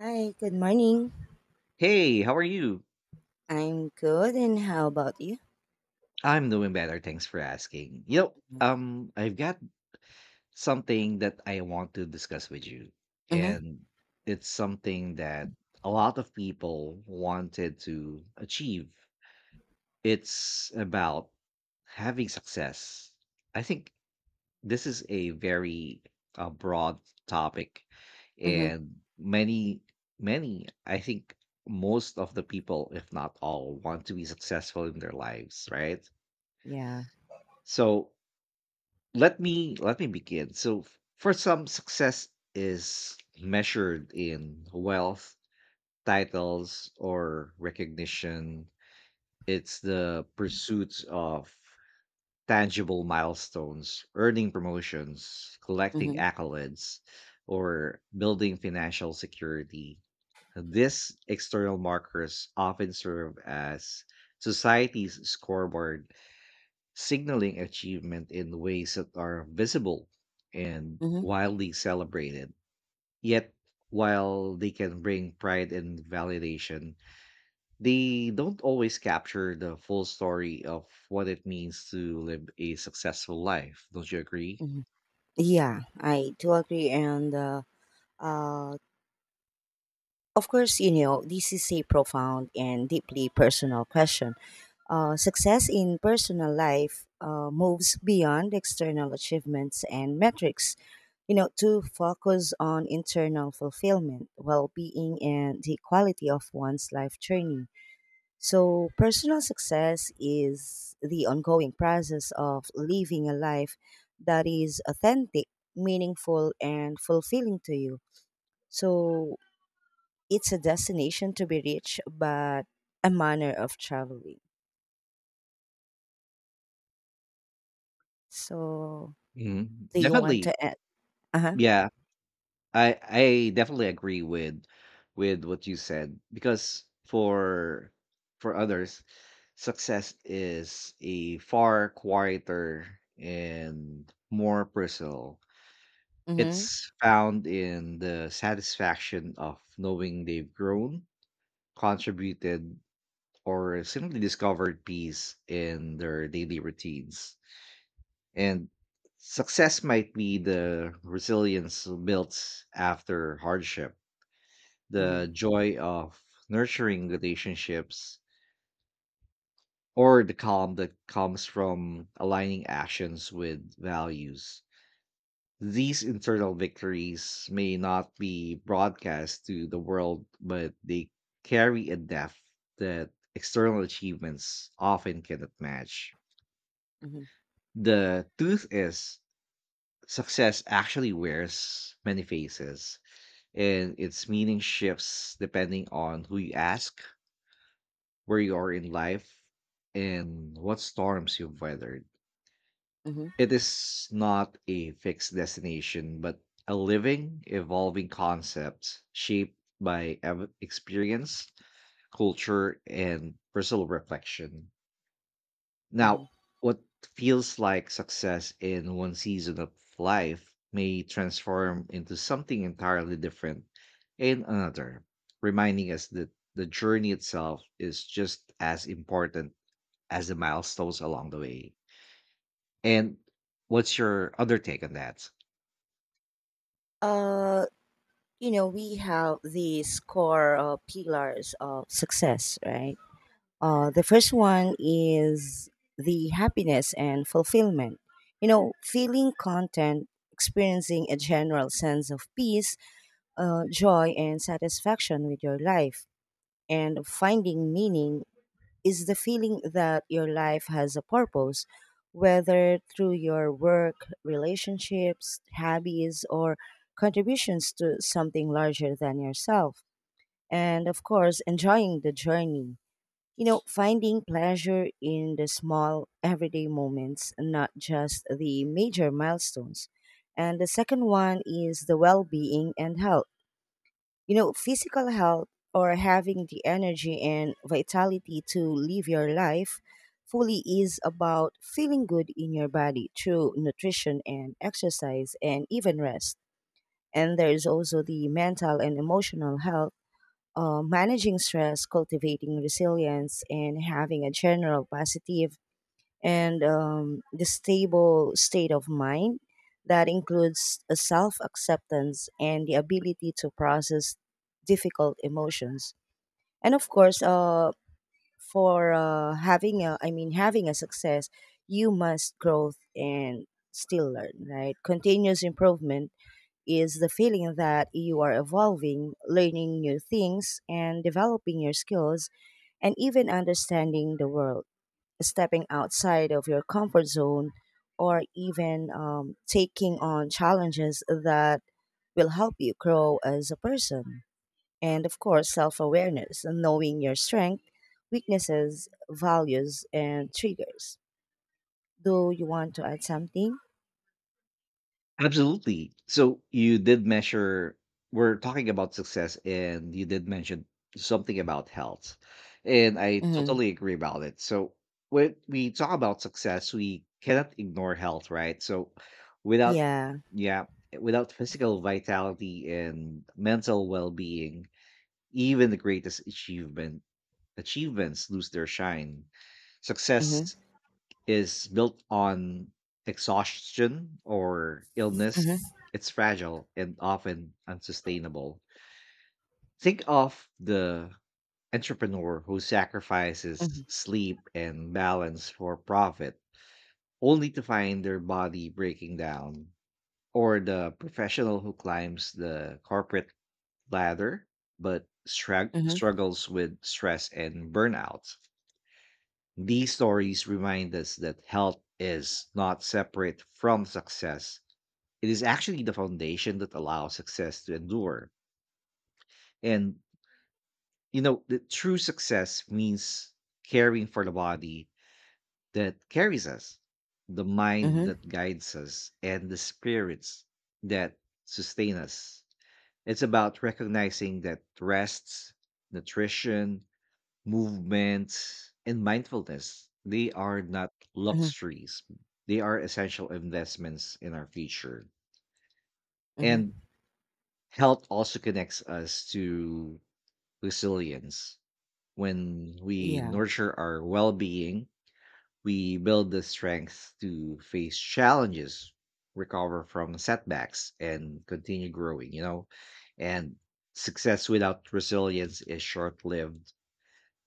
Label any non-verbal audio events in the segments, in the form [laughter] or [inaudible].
Hi, good morning. Hey, how are you? I'm good, and how about you? I'm doing better. Thanks for asking. I've got something that I want to discuss with you, Mm-hmm, and it's something that a lot of people wanted to achieve. It's about having success. I think this is a very broad topic, mm-hmm, and many, I think most of the people, if not all, want to be successful in their lives, right? yeah, So let me begin. So for some, success is measured in wealth, titles, or recognition. It's the pursuit of tangible milestones, earning promotions, collecting mm-hmm, accolades, or building financial security. These external markers often serve as society's scoreboard, signaling achievement in ways that are visible and mm-hmm, wildly celebrated. Yet, while they can bring pride and validation, they don't always capture the full story of what it means to live a successful life. Don't you agree? mm-hmm. Yeah, I do agree, and uh, of course, you know, this is a profound and deeply personal question. Success in personal life moves beyond external achievements and metrics, you know, to focus on internal fulfillment, well-being, and the quality of one's life journey. So, personal success is the ongoing process of living a life that is authentic, meaningful, and fulfilling to you. So, it's a destination to be reached, but a manner of traveling. So, Mhm. do you want Definitely. to add? Uh huh. Yeah, I definitely agree with what you said because for others, success is a far quieter and more personal. Mm It's found in the satisfaction of knowing they've grown, contributed, or simply discovered peace in their daily routines. And success might be the resilience built after hardship, hmm. Mm hmm. the joy of nurturing relationships, or the calm that comes from aligning actions with values. These internal victories may not be broadcast to the world, but they carry a depth that external achievements often cannot match. Mm hmm. The truth is, success actually wears many faces, and its meaning shifts depending on who you ask, where you are in life, and what storms you've weathered. Mm hmm. It is not a fixed destination, but a living, evolving concept shaped by experience, culture, and personal reflection. Hmm. Now, what feels like success in one season of life may transform into something entirely different in another, reminding us that the journey itself is just as important as the milestones along the way. And what's your other take on that? Uh, you know, we have these core pillars of success, right? The first one is the happiness and fulfillment. You know, feeling content, experiencing a general sense of peace, joy, and satisfaction with your life, and finding meaning is the feeling that your life has a purpose, whether through your work, relationships, hobbies, or contributions to something larger than yourself. And of course, enjoying the journey, you know, finding pleasure in the small everyday moments, not just the major milestones. And the second one is the well being and health. You know, physical health or having the energy and vitality to live your life fully is about feeling good in your body through nutrition and exercise and even rest. And there is also the mental and emotional health, managing stress, cultivating resilience, and having a general positive and the stable state of mind that includes a self acceptance and the ability to process difficult emotions. And of course, for having a, I mean, having a success, you must growth and still learn, right? Continuous improvement is the feeling that you are evolving, learning new things, and developing your skills, and even understanding the world, stepping outside of your comfort zone, or even taking on challenges that will help you grow as a person. And of course, self awareness, knowing your strength, weaknesses, values, and triggers. Do you want to add something? Absolutely. So you did measure, we're talking about success, and you did mention something about health. And I Hmm. totally agree about it. So when we talk about success, we cannot ignore health, right? So without, Yeah. yeah, without physical vitality and mental well being, even the greatest achievements lose their shine. Mm-hmm. Success is built on exhaustion or illness, it's fragile and often unsustainable. Think of the entrepreneur who sacrifices Mm-hmm. sleep and balance for profit, only to find their body breaking down, or the professional who climbs the corporate ladder but Mm-hmm. struggles with stress and burnout. These stories remind us that health is not separate from success. It is actually the foundation that allows success to endure. And, you know, the true success means caring for the body that carries us, the mind Mm-hmm. that guides us, and the spirits that sustain us. It's about recognizing that rests, nutrition, movements, and mindfulness, they are not luxuries, they are essential investments in our future. Mhm. And health also connects us to resilience. When we Yeah. nurture our well being, we build the strength to face challenges, recover from setbacks, and continue growing, you know? And success without resilience is short lived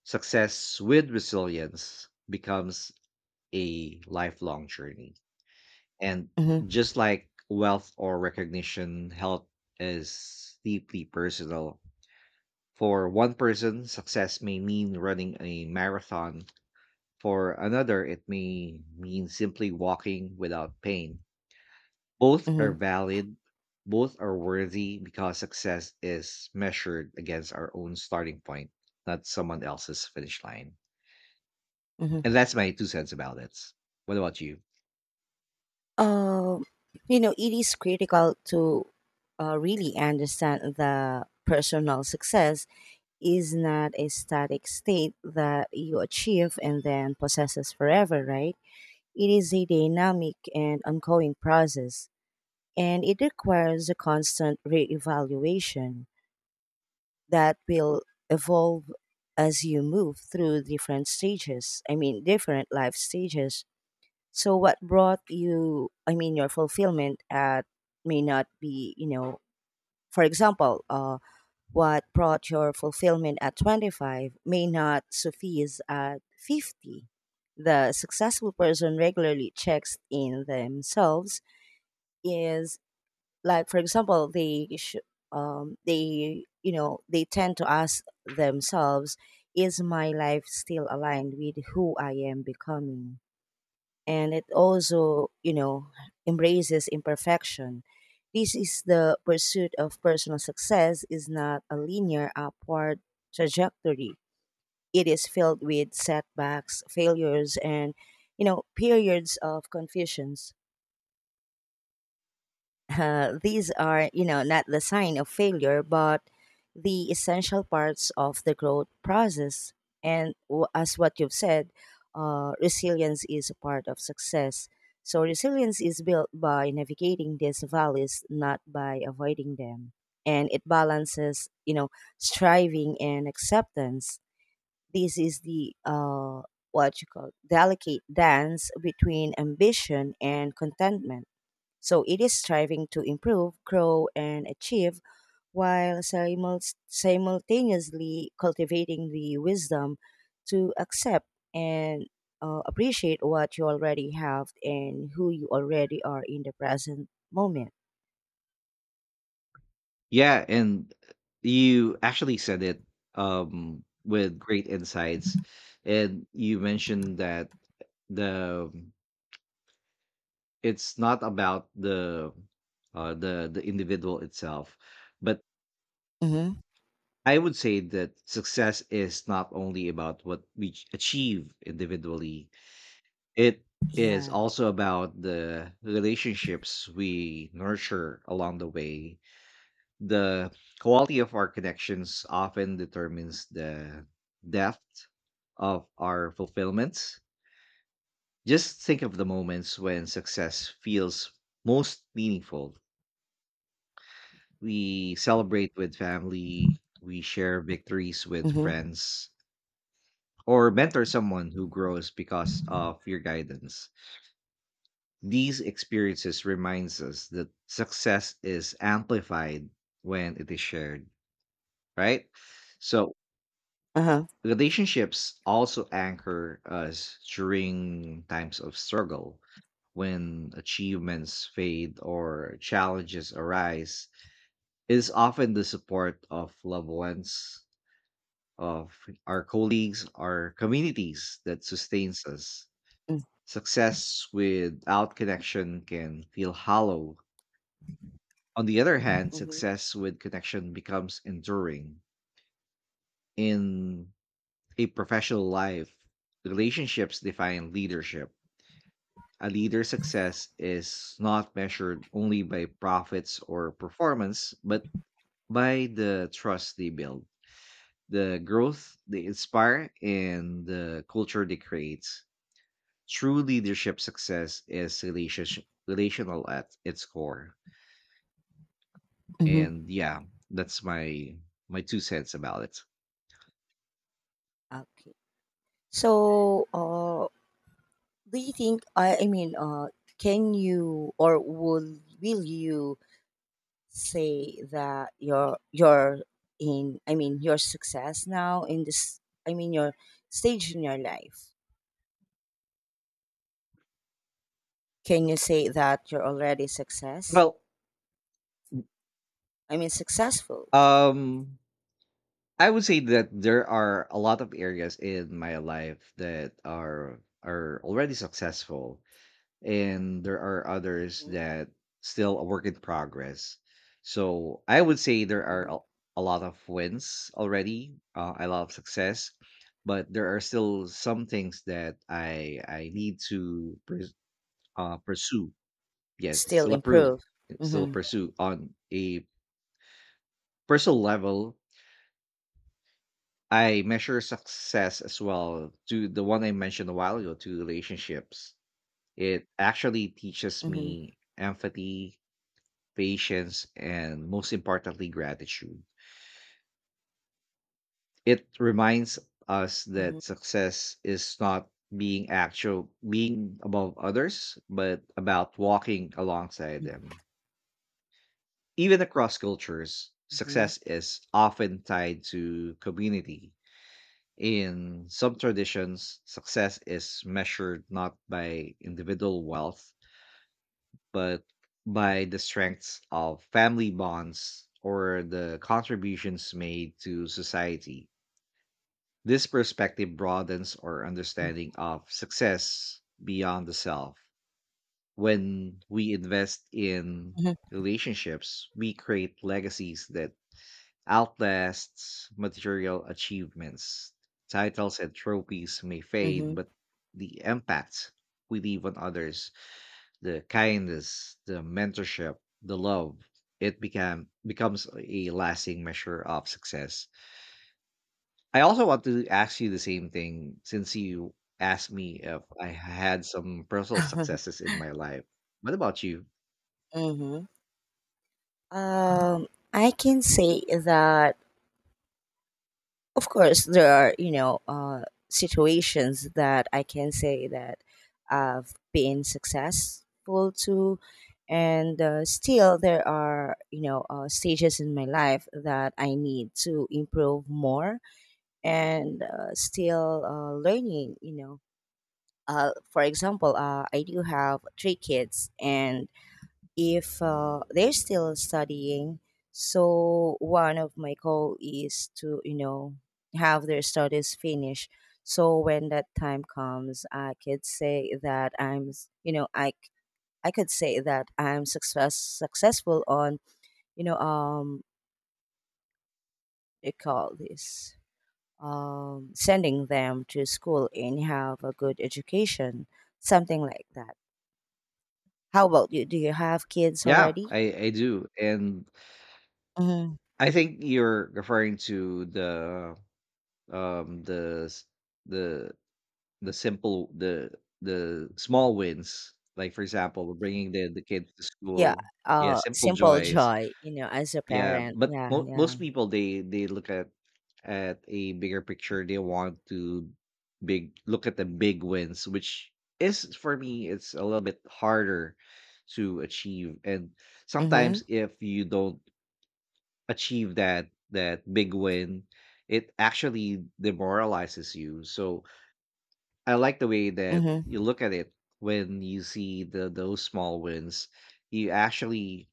Success with resilience becomes a lifelong journey. And Mhm. just like wealth or recognition, health is deeply personal. For one person, success may mean running a marathon. For another, it may mean simply walking without pain. Both are Mhm. valid, both are worthy because success is measured against our own starting point, not someone else's finish line. And Mhm. that's my two cents about it. What about you? Um, you know, it is critical to really understand that personal success is not a static state that you achieve and then possesses forever, right? It is a dynamic and ongoing process, and it requires a constant reevaluation that will evolve as you move through different stages. I mean, different life stages. So what brought you, I mean, your fulfillment at may not be, you know, for example, what brought your fulfillment at 25 may not suffice at 50. The successful person regularly checks in themselves is, like, for example, you know, they tend to ask themselves, is my life still aligned with who I am becoming? And it also, you know, embraces imperfection. This is the pursuit of personal success is not a linear upward trajectory. It is filled with setbacks, failures, and you know periods of confusions. These are, you know, not the sign of failure, but the essential parts of the growth process. And as what you've said, resilience is a part of success. So resilience is built by navigating these valleys, not by avoiding them. And it balances, you know, striving and acceptance. This is the what you call delicate dance between ambition and contentment, so it is striving to improve, grow, and achieve while simultaneously cultivating the wisdom to accept and appreciate what you already have and who you already are in the present moment. Yeah, and you actually said it with great insights, and you mentioned that the it's not about the individual itself, but Mm-hmm. I would say that success is not only about what we achieve individually. It is Yeah. also about the relationships we nurture along the way. The quality of our connections often determines the depth of our fulfillments. Just think of the moments when success feels most meaningful. We celebrate with family, we share victories with Mm-hmm. friends, or mentor someone who grows because of your guidance. These experiences reminds us that success is amplified when it is shared, right? So Uh-huh. relationships also anchor us during times of struggle when achievements fade or challenges arise. It is often the support of loved ones, of our colleagues, our communities that sustains us. Success without connection can feel hollow. On the other hand, Mm-hmm. success with connection becomes enduring. In a professional life, relationships define leadership. A leader's success is not measured only by profits or performance, but by the trust they build, the growth they inspire, and the culture they create. True leadership success is relational at its core. Mm-hmm. And yeah, that's my two cents about it. Okay. So, do you think I mean, can you or will you say that your in I mean your success now in this, I mean your stage in your life, can you say that you're already success, Well, I mean successful? um, I would say that there are a lot of areas in my life that are already successful and there are others Hmm. that still a work in progress. So I would say there are Hmm. A lot of wins already, a lot of success, but there are still some things that I need to pursue. Yes, Still still approve, improve. still Mm-hmm. pursue on a personal level. I measure success as well to the one I mentioned a while ago to relationships. It actually teaches Mm-hmm. me empathy, patience, and most importantly, gratitude. It reminds us Mm-hmm. that success is not being above others, but about walking alongside them. Even across cultures, Mm-hmm. success is often tied to community. In some traditions, success is measured not by individual wealth, but by the strengths of family bonds or the contributions made to society. This perspective broadens our understanding of success beyond the self. When we invest in relationships, we create legacies that outlasts material achievements. Titles and trophies may fade, Mm-hmm. but the impact we leave on others, the kindness, the mentorship, the love, it became becomes a lasting measure of success. I also want to ask you the same thing since you asked me if I had some personal Mm-hmm. successes in my life. What about you? [laughs] Um, I can say that of course there are you know situations that I can say that I've been successful to, and still there are you know stages in my life that I need to improve more, and still learning you know. For example, I do have three kids, and if they're still studying. So one of my goal is to you know have their studies finish. So when that time comes, I could say that you know I could say that I'm successful on you know they call this, sending them to school and have a good education, something like that. How about you? Do you have kids Yeah, already? I do. And Mm-hmm. I think you're referring to the s- the the simple the small wins, like for example bringing the kids to Yeah, school, yeah, simple simple joys. joy, you know, as a Yeah, parent. but Yeah, most yeah. people they look at a bigger picture. They want to big look at the big wins, which is for me it's a little bit harder to achieve. And Mm-hmm. sometimes if you don't achieve that big win, it actually demoralizes you. So I like the way that Mm-hmm. you look at it when you see the those small wins. You actually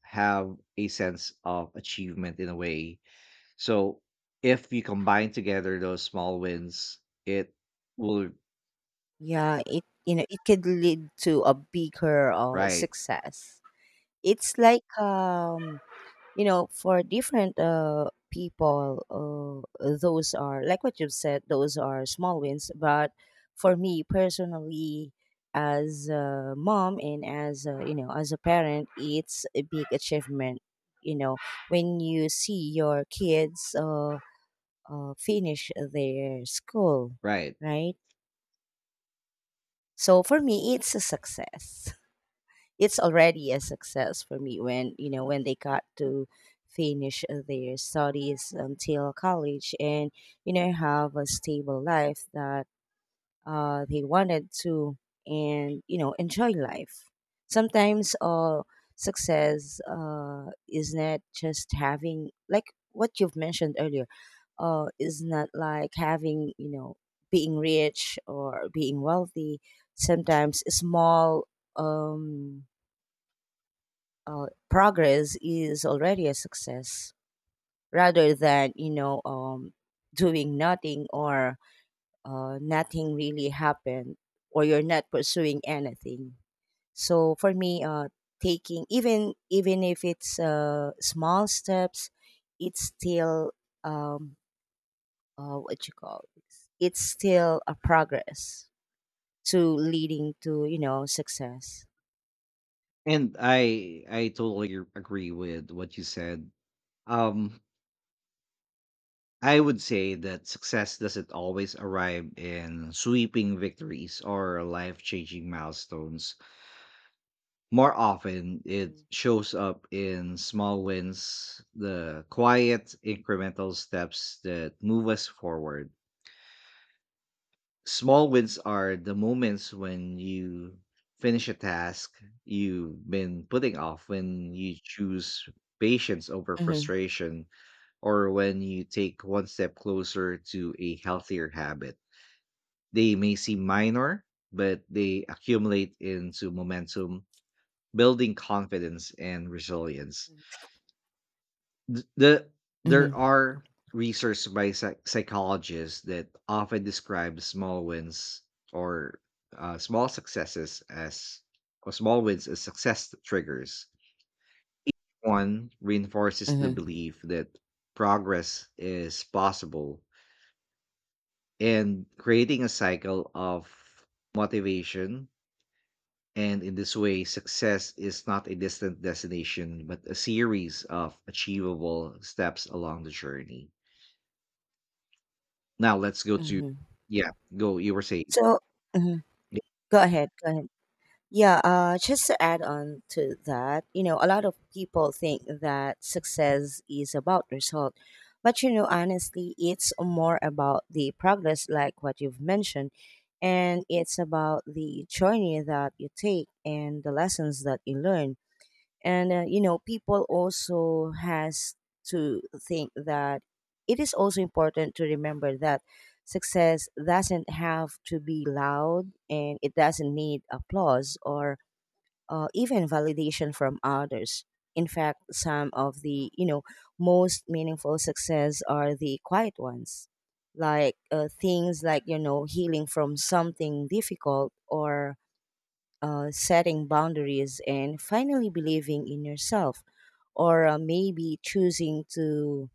have a sense of achievement in a way, so if you combine together those small wins, it will, Yeah, it you know, it could lead to a bigger right, success. It's like you know, for different people, those are like what you've said, those are small wins, but for me personally as a mom and as a, you know, as a parent, it's a big achievement, you know, when you see your kids finish their school, right. right? So for me, it's a success. [laughs] It's already a success for me when you know when they got to finish their studies until college, and you know have a stable life that they wanted to, and you know enjoy life. Sometimes success is not just having like what you've mentioned earlier, is not like having you know being rich or being wealthy. Sometimes small, um, progress, is already a success rather than you know doing nothing or nothing really happened, or you're not pursuing anything. So for me taking even if it's small steps, it's still um, what you call this, it's still a progress to leading to you know success. And I totally agree with what you said. Um I would say that success doesn't always arrive in sweeping victories or life-changing milestones. More often, it Mhm. shows up in small wins, the quiet incremental steps that move us forward. Small wins are the moments when you finish a task you've been putting off, when you choose patience over Hmm. frustration, or when you take one step closer to a healthier habit. They may seem minor, but they accumulate into momentum, building confidence and resilience. Th- the there Mhm. are research by psychologists that often describe small wins or uh, small successes as small wins as success triggers. One reinforces the Hmm. belief that progress is possible and creating a cycle of motivation. And in this way, success is not a distant destination, but a series of achievable steps along the journey. Now let's go Hmm. to, Hmm. yeah, go, you were saying. So, mhm. Yeah. Go ahead, go ahead. Yeah, just to add on to that, you know, a lot of people think that success is about result. But, you know, honestly, it's more about the progress, like what you've mentioned. And it's about the journey that you take and the lessons that you learn. And, you know, people also has to think that it is also important to remember that success doesn't have to be loud and it doesn't need applause or, even validation from others. In fact, some of the you know most meaningful success are the quiet ones, like things like you know healing from something difficult, or setting boundaries and finally believing in yourself, or maybe choosing to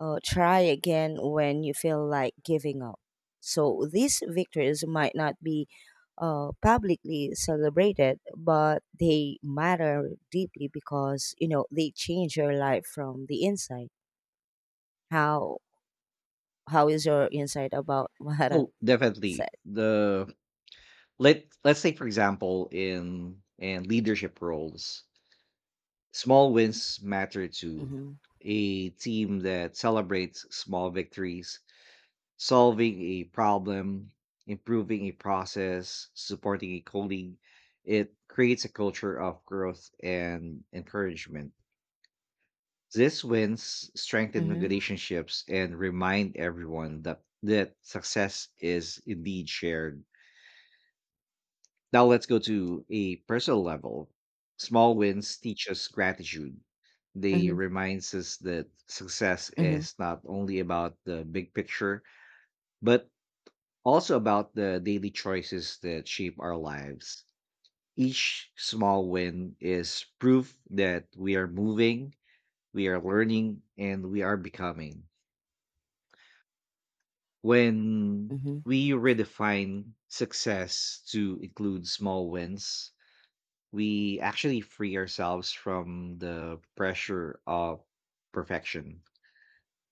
try again when you feel like giving up. So these victories might not be publicly celebrated, but they matter deeply because you know they change your life from the inside. How how is your insight about [laughs] what I've Oh, said? definitely. The, let's say for example in leadership roles, small wins matter to Mm-hmm. a team that celebrates small victories, solving a problem, improving a process, supporting a colleague. It creates a culture of growth and encouragement. These wins strengthen Mm-hmm. relationships and remind everyone that success is indeed shared. Now let's go to a personal level. Small wins teach us gratitude. They Mm-hmm. reminds us that success Mm-hmm. is not only about the big picture, but also about the daily choices that shape our lives. Each small win is proof that we are moving, we are learning, and we are becoming. When Mm-hmm. we redefine success to include small wins, we actually free ourselves from the pressure of perfection.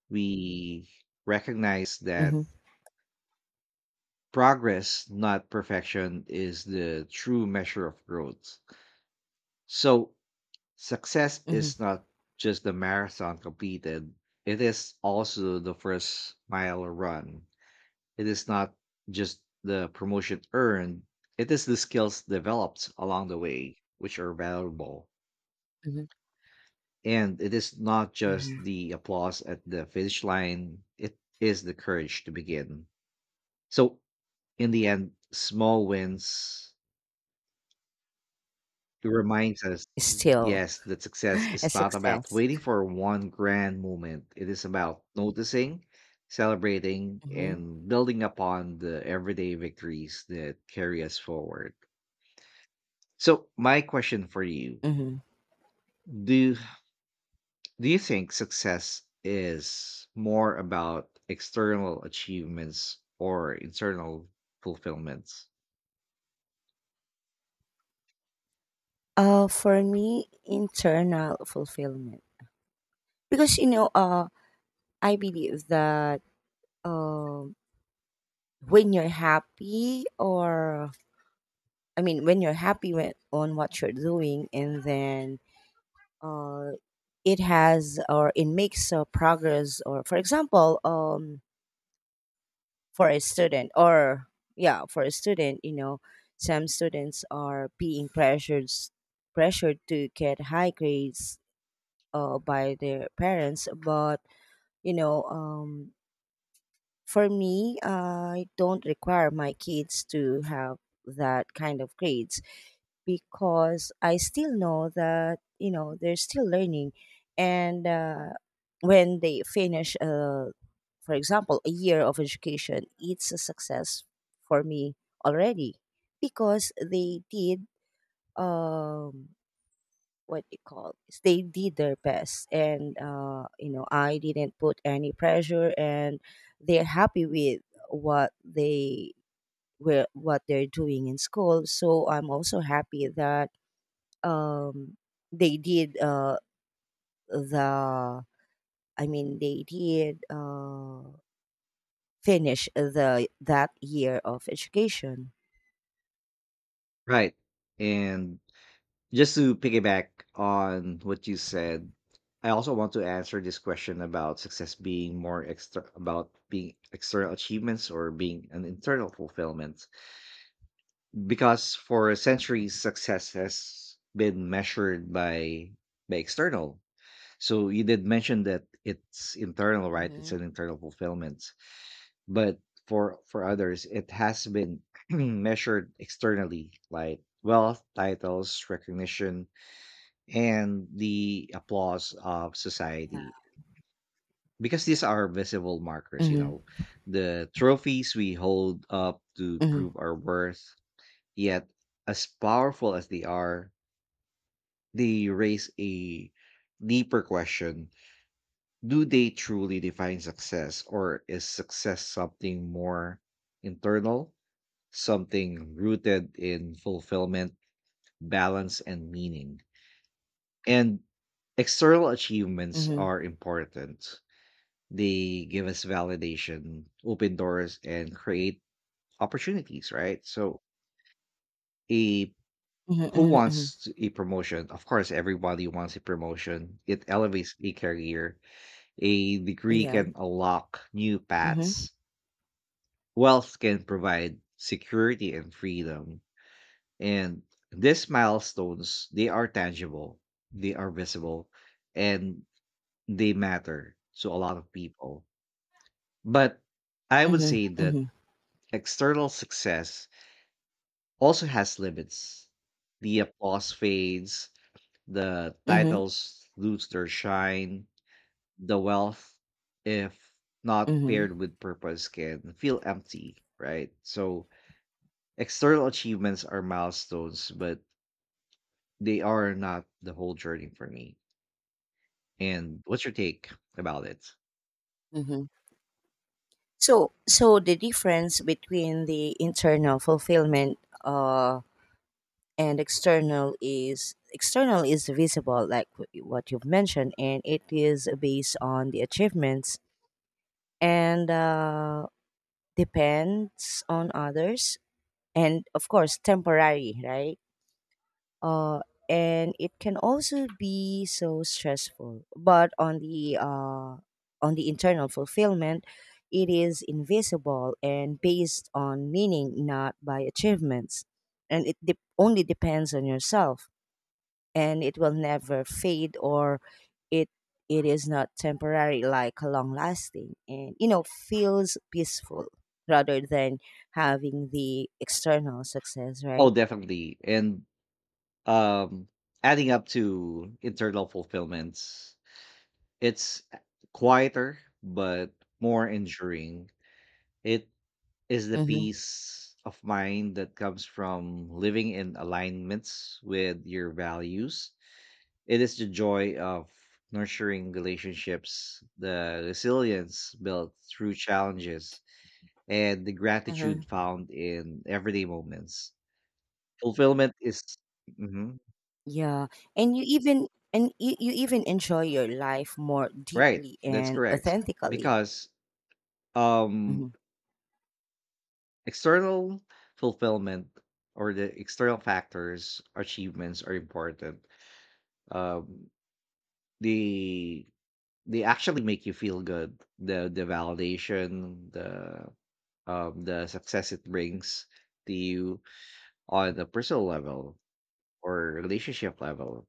We recognize that Mm-hmm. progress, not perfection, is the true measure of growth. So, success Mm-hmm. is not just the marathon completed, it is also the first mile run. It is not just the promotion earned, it is the skills developed along the way, which are valuable. Mm-hmm. And it is not just Mm-hmm. the applause at the finish line, it is the courage to begin. So, in the end, small wins reminds us, Still yes, that success [laughs] a is not about success. waiting for one grand moment, it is about noticing, celebrating, Mm-hmm. and building upon the everyday victories that carry us forward. So my question for you, Mm-hmm. do do you think success is more about external achievements or internal fulfillments? For me, internal fulfillment. Because, you know, I believe that um when you're happy, or I mean, when you're happy with, on what you're doing, and then uh, it has or it makes progress. Or, for example, for a student, or yeah, for a student, you know, some students are being pressured to get high grades by their parents, but you know, for me, I don't require my kids to have that kind of grades because I still know that, you know, they're still learning. And when they finish, for example, a year of education, it's a success for me already because they did. Um, what you call this, they did their best and you know I didn't put any pressure and they're happy with what they what they're doing in school so I'm also happy that um they did the, I mean they did finish the that year of education. Right. And just to piggyback on what you said, I also want to answer this question about success being more extra about being external achievements or being an internal fulfillment. Because for centuries success has been measured by external. So you did mention that it's internal, right? It's Mm-hmm. an internal fulfillment. But for others, it has been [clears throat] measured externally, like wealth, titles, recognition, and the applause of Yeah. society. Because these are visible markers, you mm-hmm. know, the trophies we hold up to Mm-hmm. prove our worth. Yet, as powerful as they are, they raise a deeper question: do they truly define success, or is success something more internal, something rooted in fulfillment, balance, and meaning? And external achievements Mm-hmm. are important. They give us validation, open doors, and create opportunities, right? So a Mm-hmm. who Mm-hmm. wants a promotion? Of course everybody wants a promotion. It elevates a career. A degree Yeah. can unlock new Mm-hmm. paths. Wealth can provide security and freedom. And these milestones, they are tangible, they are visible, and they matter to a lot of people. But I would Mm-hmm. say that Mm-hmm. external success also has limits. The applause fades, the Mm-hmm. titles lose their shine, the wealth, if not Mm-hmm. paired with purpose, can feel empty, right? So external achievements are milestones, but they are not the whole journey for me. And what's your take about it? Mm-hmm. So, so the difference between the internal fulfillment and external is visible, like what you've mentioned, and it is based on the achievements and depends on others, and of course, temporary, right? uh, and it can also be so stressful. But on the internal fulfillment, it is invisible and based on meaning, not by achievements, and it only depends on yourself. And it will never fade, or it it is not temporary, like long lasting, and you know feels peaceful rather than having the external success, Oh, right? definitely. And um adding up to internal fulfillments, it's quieter but more enduring. It is the Mm-hmm. peace of mind that comes from living in alignments with your values. It is the joy of nurturing relationships, the resilience built through challenges, and the Uh-huh. gratitude found in everyday moments. Fulfillment is Mhm. Yeah. And you even, and you even enjoy your life more Right. deeply That's and correct. authentically. Because um, Mm-hmm. external fulfillment or the external factors, achievements are important. Um, they They actually make you feel good. The validation, the success it brings to you on a personal level or relationship level.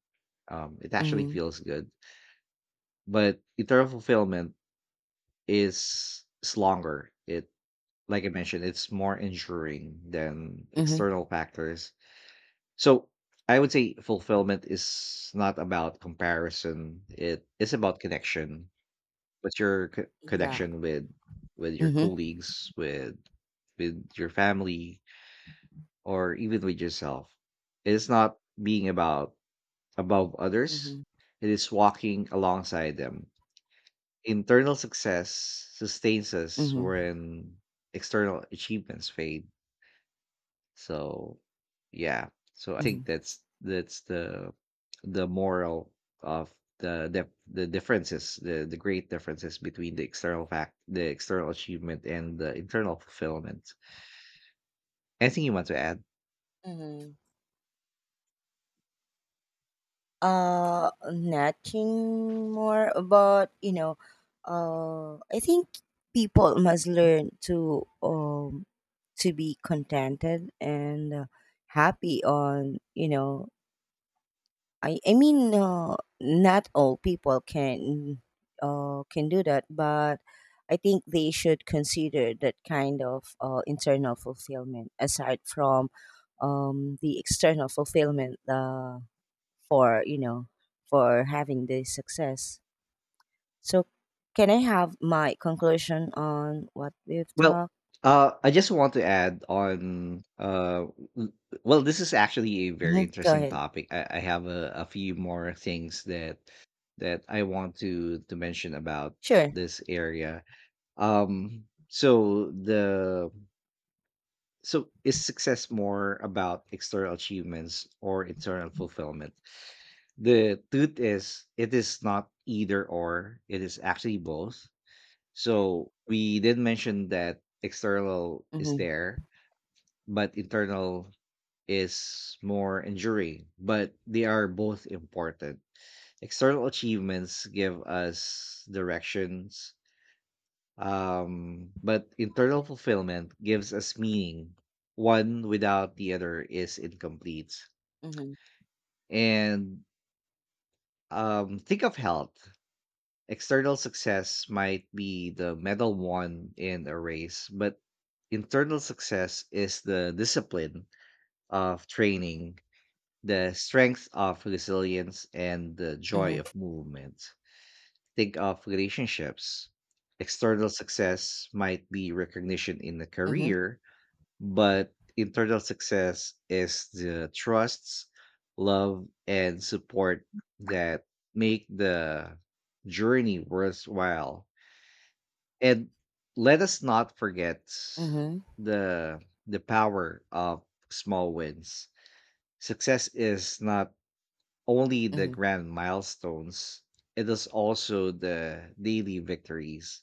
It actually Mm-hmm. feels good. But eternal fulfillment is longer. It, like I mentioned, it's more enduring than Mm-hmm. external factors. So I would say fulfillment is not about comparison. It is about connection. Yeah. Connection with your Mm-hmm. colleagues, with your family, or even with yourself? It is not being about above others. Mm-hmm. It is walking alongside them. Internal success sustains us Mm-hmm. when external achievements fade. So yeah. So I Mm-hmm. think that's the moral of the differences, the great differences between the external achievement and the internal fulfillment. Anything you want to add? Mm-hmm. Nothing more about, you know, I think people must learn to be contented and happy on, you know, I mean, not all people can do that, but I think they should consider that kind of internal fulfillment aside from the external fulfillment for you know for having the success. So, can I have my conclusion on what we've Well, talked? I just want to add on. W- well, this is actually a very Hmm. Go interesting ahead. topic. I have a few more things that that I want to mention about Sure. this area. Um, so the so is success more about external achievements or internal fulfillment? The truth is, it is not either or. It is actually both. So we did mention that external is Mm-hmm. there, but internal is more enduring. But they are both important. External achievements give us directions. But internal fulfillment gives us meaning. One without the other is incomplete. Mm-hmm. And think of health. External success might be the medal won in a race, but internal success is the discipline of training, the strength of resilience, and the joy Mm-hmm. of movement. Think of relationships. External success might be recognition in a Mm-hmm. career, but internal success is the trusts, love, and support that make the journey worthwhile. And let us not forget Mm-hmm. the the power of small wins. Success is not only the Mm-hmm. grand milestones, it is also the daily victories: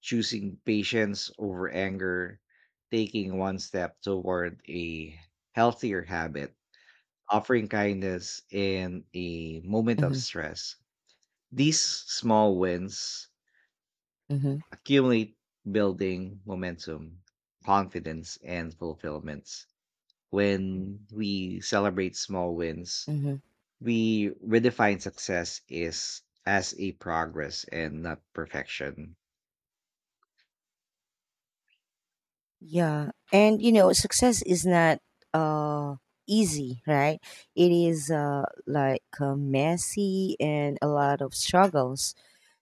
choosing patience over anger, taking one step toward a healthier habit, offering kindness in a moment of Mm-hmm. stress. These small wins accumulate, building momentum, confidence, and fulfillments. When we celebrate small wins, Mm-hmm. we redefine success is as a progress and not perfection. Yeah, and you know, success is not uh easy, right? It is like messy and a lot of struggles.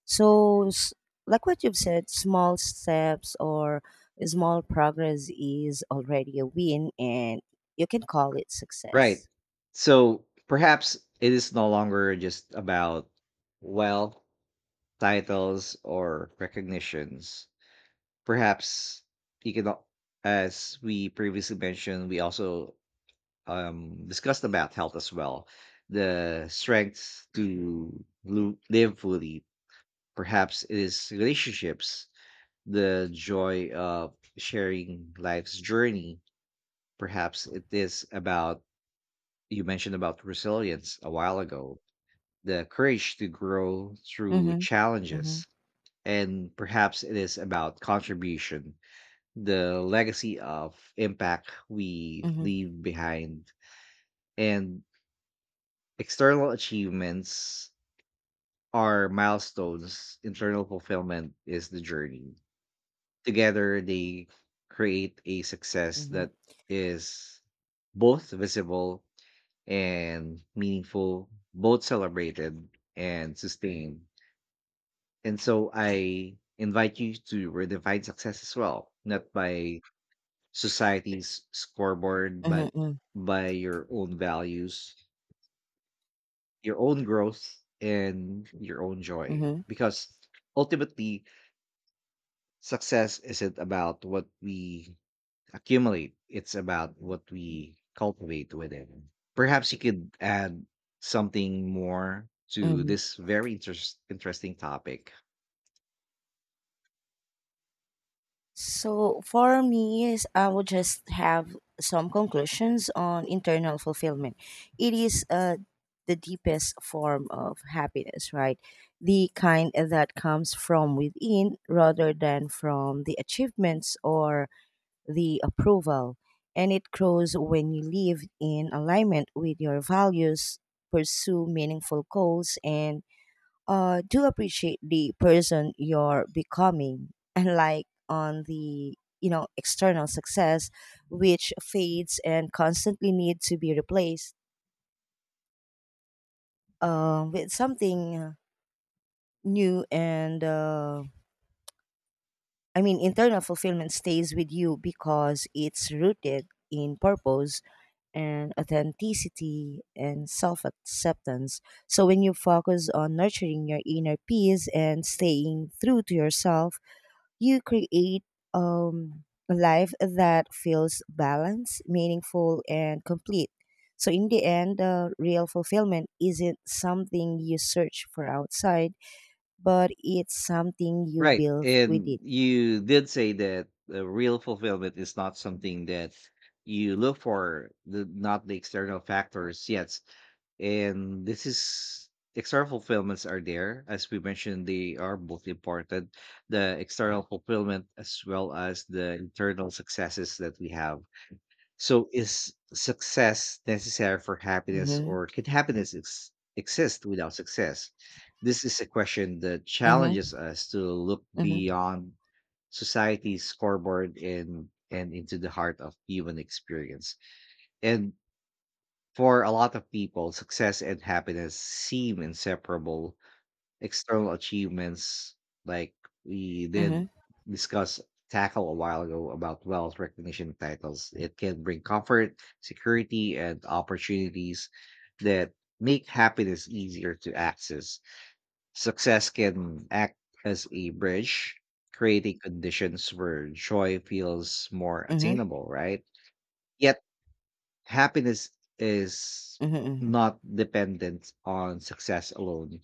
So, like what you've said, small steps or small progress is already a win, and you can call it Right. success. So perhaps it is no longer just about wealth, titles, or recognitions. Perhaps you can, al- as we previously mentioned, we also discussed about health as well. The strengths to live fully. Perhaps it is relationships, the joy of sharing life's journey. Perhaps it is about, you mentioned about resilience a while ago, the courage to grow through Mm-hmm. Mm-hmm. challenges. And perhaps it is about contribution, the legacy of impact we Mm-hmm. leave behind. And external achievements are milestones, internal fulfillment is the journey. Together, they create a success Mm-hmm. that is both visible and meaningful, both celebrated and sustained. And so I invite you to redefine success as well, not by society's scoreboard, but Mm-hmm. by your own values, your own growth, and your own joy. Mm-hmm. Because ultimately, success isn't about what we accumulate, it's about what we cultivate within. Perhaps you could add something more to Mm-hmm. this very interesting topic. So for me, is I would just have some conclusions on internal fulfillment. It is the deepest form of happiness, right? The kind that comes from within rather than from the achievements or the approval. And it grows when you live in alignment with your values, pursue meaningful goals, and do appreciate the person you're becoming, and like on the you know external success which fades and constantly need to be replaced with something new, and internal fulfillment stays with you because it's rooted in purpose and authenticity and self-acceptance. So when you focus on nurturing your inner peace and staying true to yourself, you create um, a life that feels balanced, meaningful, and complete. So, in the end, real fulfillment isn't something you search for outside, but it's something you Right. build And within. you did say that the real fulfillment is not something that you look for, not the external factors yet. And this is external fulfillments are there. As we mentioned, they are both important, the external fulfillment as well as the internal successes that we have. So is success necessary for happiness, Mm-hmm. or can happiness exist without success? This is a question that Mm-hmm. challenges us to look Mm-hmm. beyond society's scoreboard and into the heart of human experience. And for a lot of people, success and happiness seem inseparable. External achievements, like we did discuss tackle a while ago, about wealth, recognition, titles. It can bring comfort, security, and opportunities that make happiness easier to access. Success can act as a bridge, creating conditions where joy feels more Mm-hmm. attainable, right? Yet happiness is Mm-hmm. Mm-hmm. not dependent on success alone.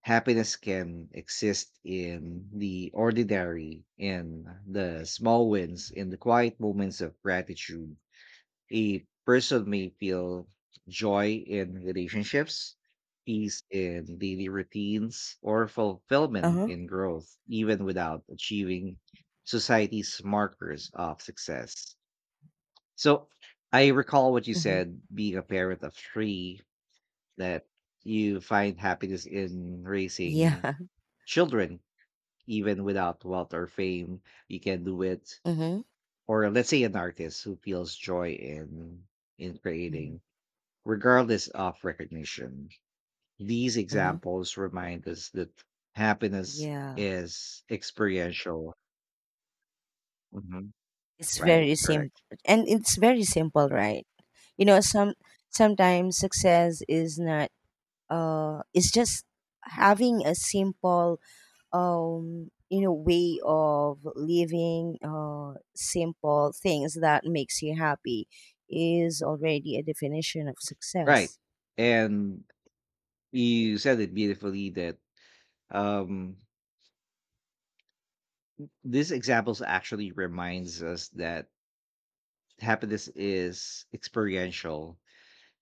Happiness can exist in the ordinary, in the small wins, in the quiet moments of gratitude. A person may feel joy in relationships, peace in daily routines, or fulfillment Uh-huh. in growth, even without achieving society's markers of success. So I recall what you Mm-hmm. said, being a parent of three, that you find happiness in Yeah. raising [laughs] children, even without wealth or fame, you can do it. Mm-hmm. Or let's say an artist who feels joy in Mm-hmm. creating, regardless of recognition. These Mm-hmm. examples remind us that happiness Yeah. is experiential. Mhm. It's Right, very simple. correct. And it's very simple, right? You know, sometimes success is not it's just having a simple, you know way of living, simple things that makes you happy is already a definition of Right. success. And you said it beautifully that um these examples actually reminds us that happiness is experiential.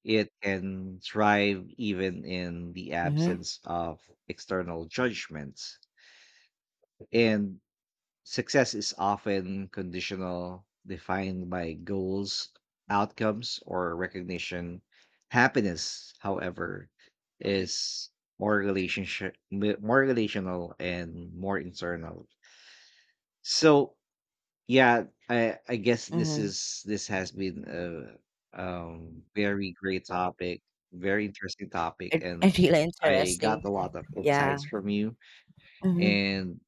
It can thrive even in the Mm-hmm. absence of external judgments. And success is often conditional, defined by goals, outcomes, or recognition. Happiness, however, is more relationship, more relational and more internal. So, yeah, I guess Mm-hmm. This has been a very great topic, very interesting topic, It, [laughs] and it's really I interesting. got a lot of Yeah. insights from you. Mm-hmm. And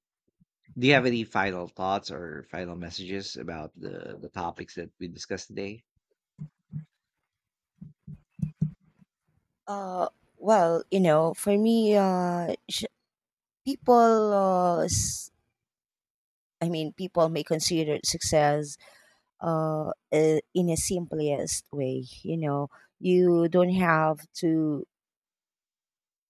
do you have any final thoughts or final messages about the topics that we discussed today? uh, well you know for me people, I mean people may consider success in a simplest way. You know, you don't have to,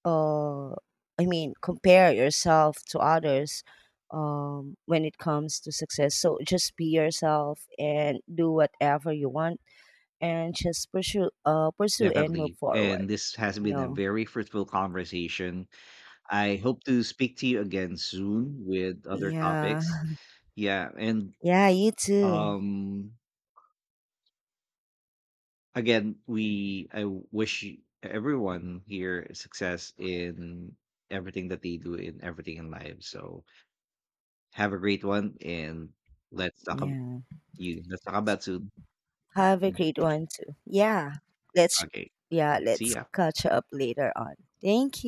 uh, I mean, compare yourself to others when it comes to success. So just be yourself and do whatever you want and just pursue, pursue and move Definitely. forward, And this has you been a know. very fruitful conversation. I hope to speak to you again soon with other Yeah. topics. Yeah, and Yeah, you too. um again, we I wish you- everyone here success in everything that they do, in everything in life. So have a great one and let's talk about Yeah. you. Let's talk about soon. Have a great [laughs] one too. Yeah. Let's, Okay. yeah, See let's ya. catch up later on. Thank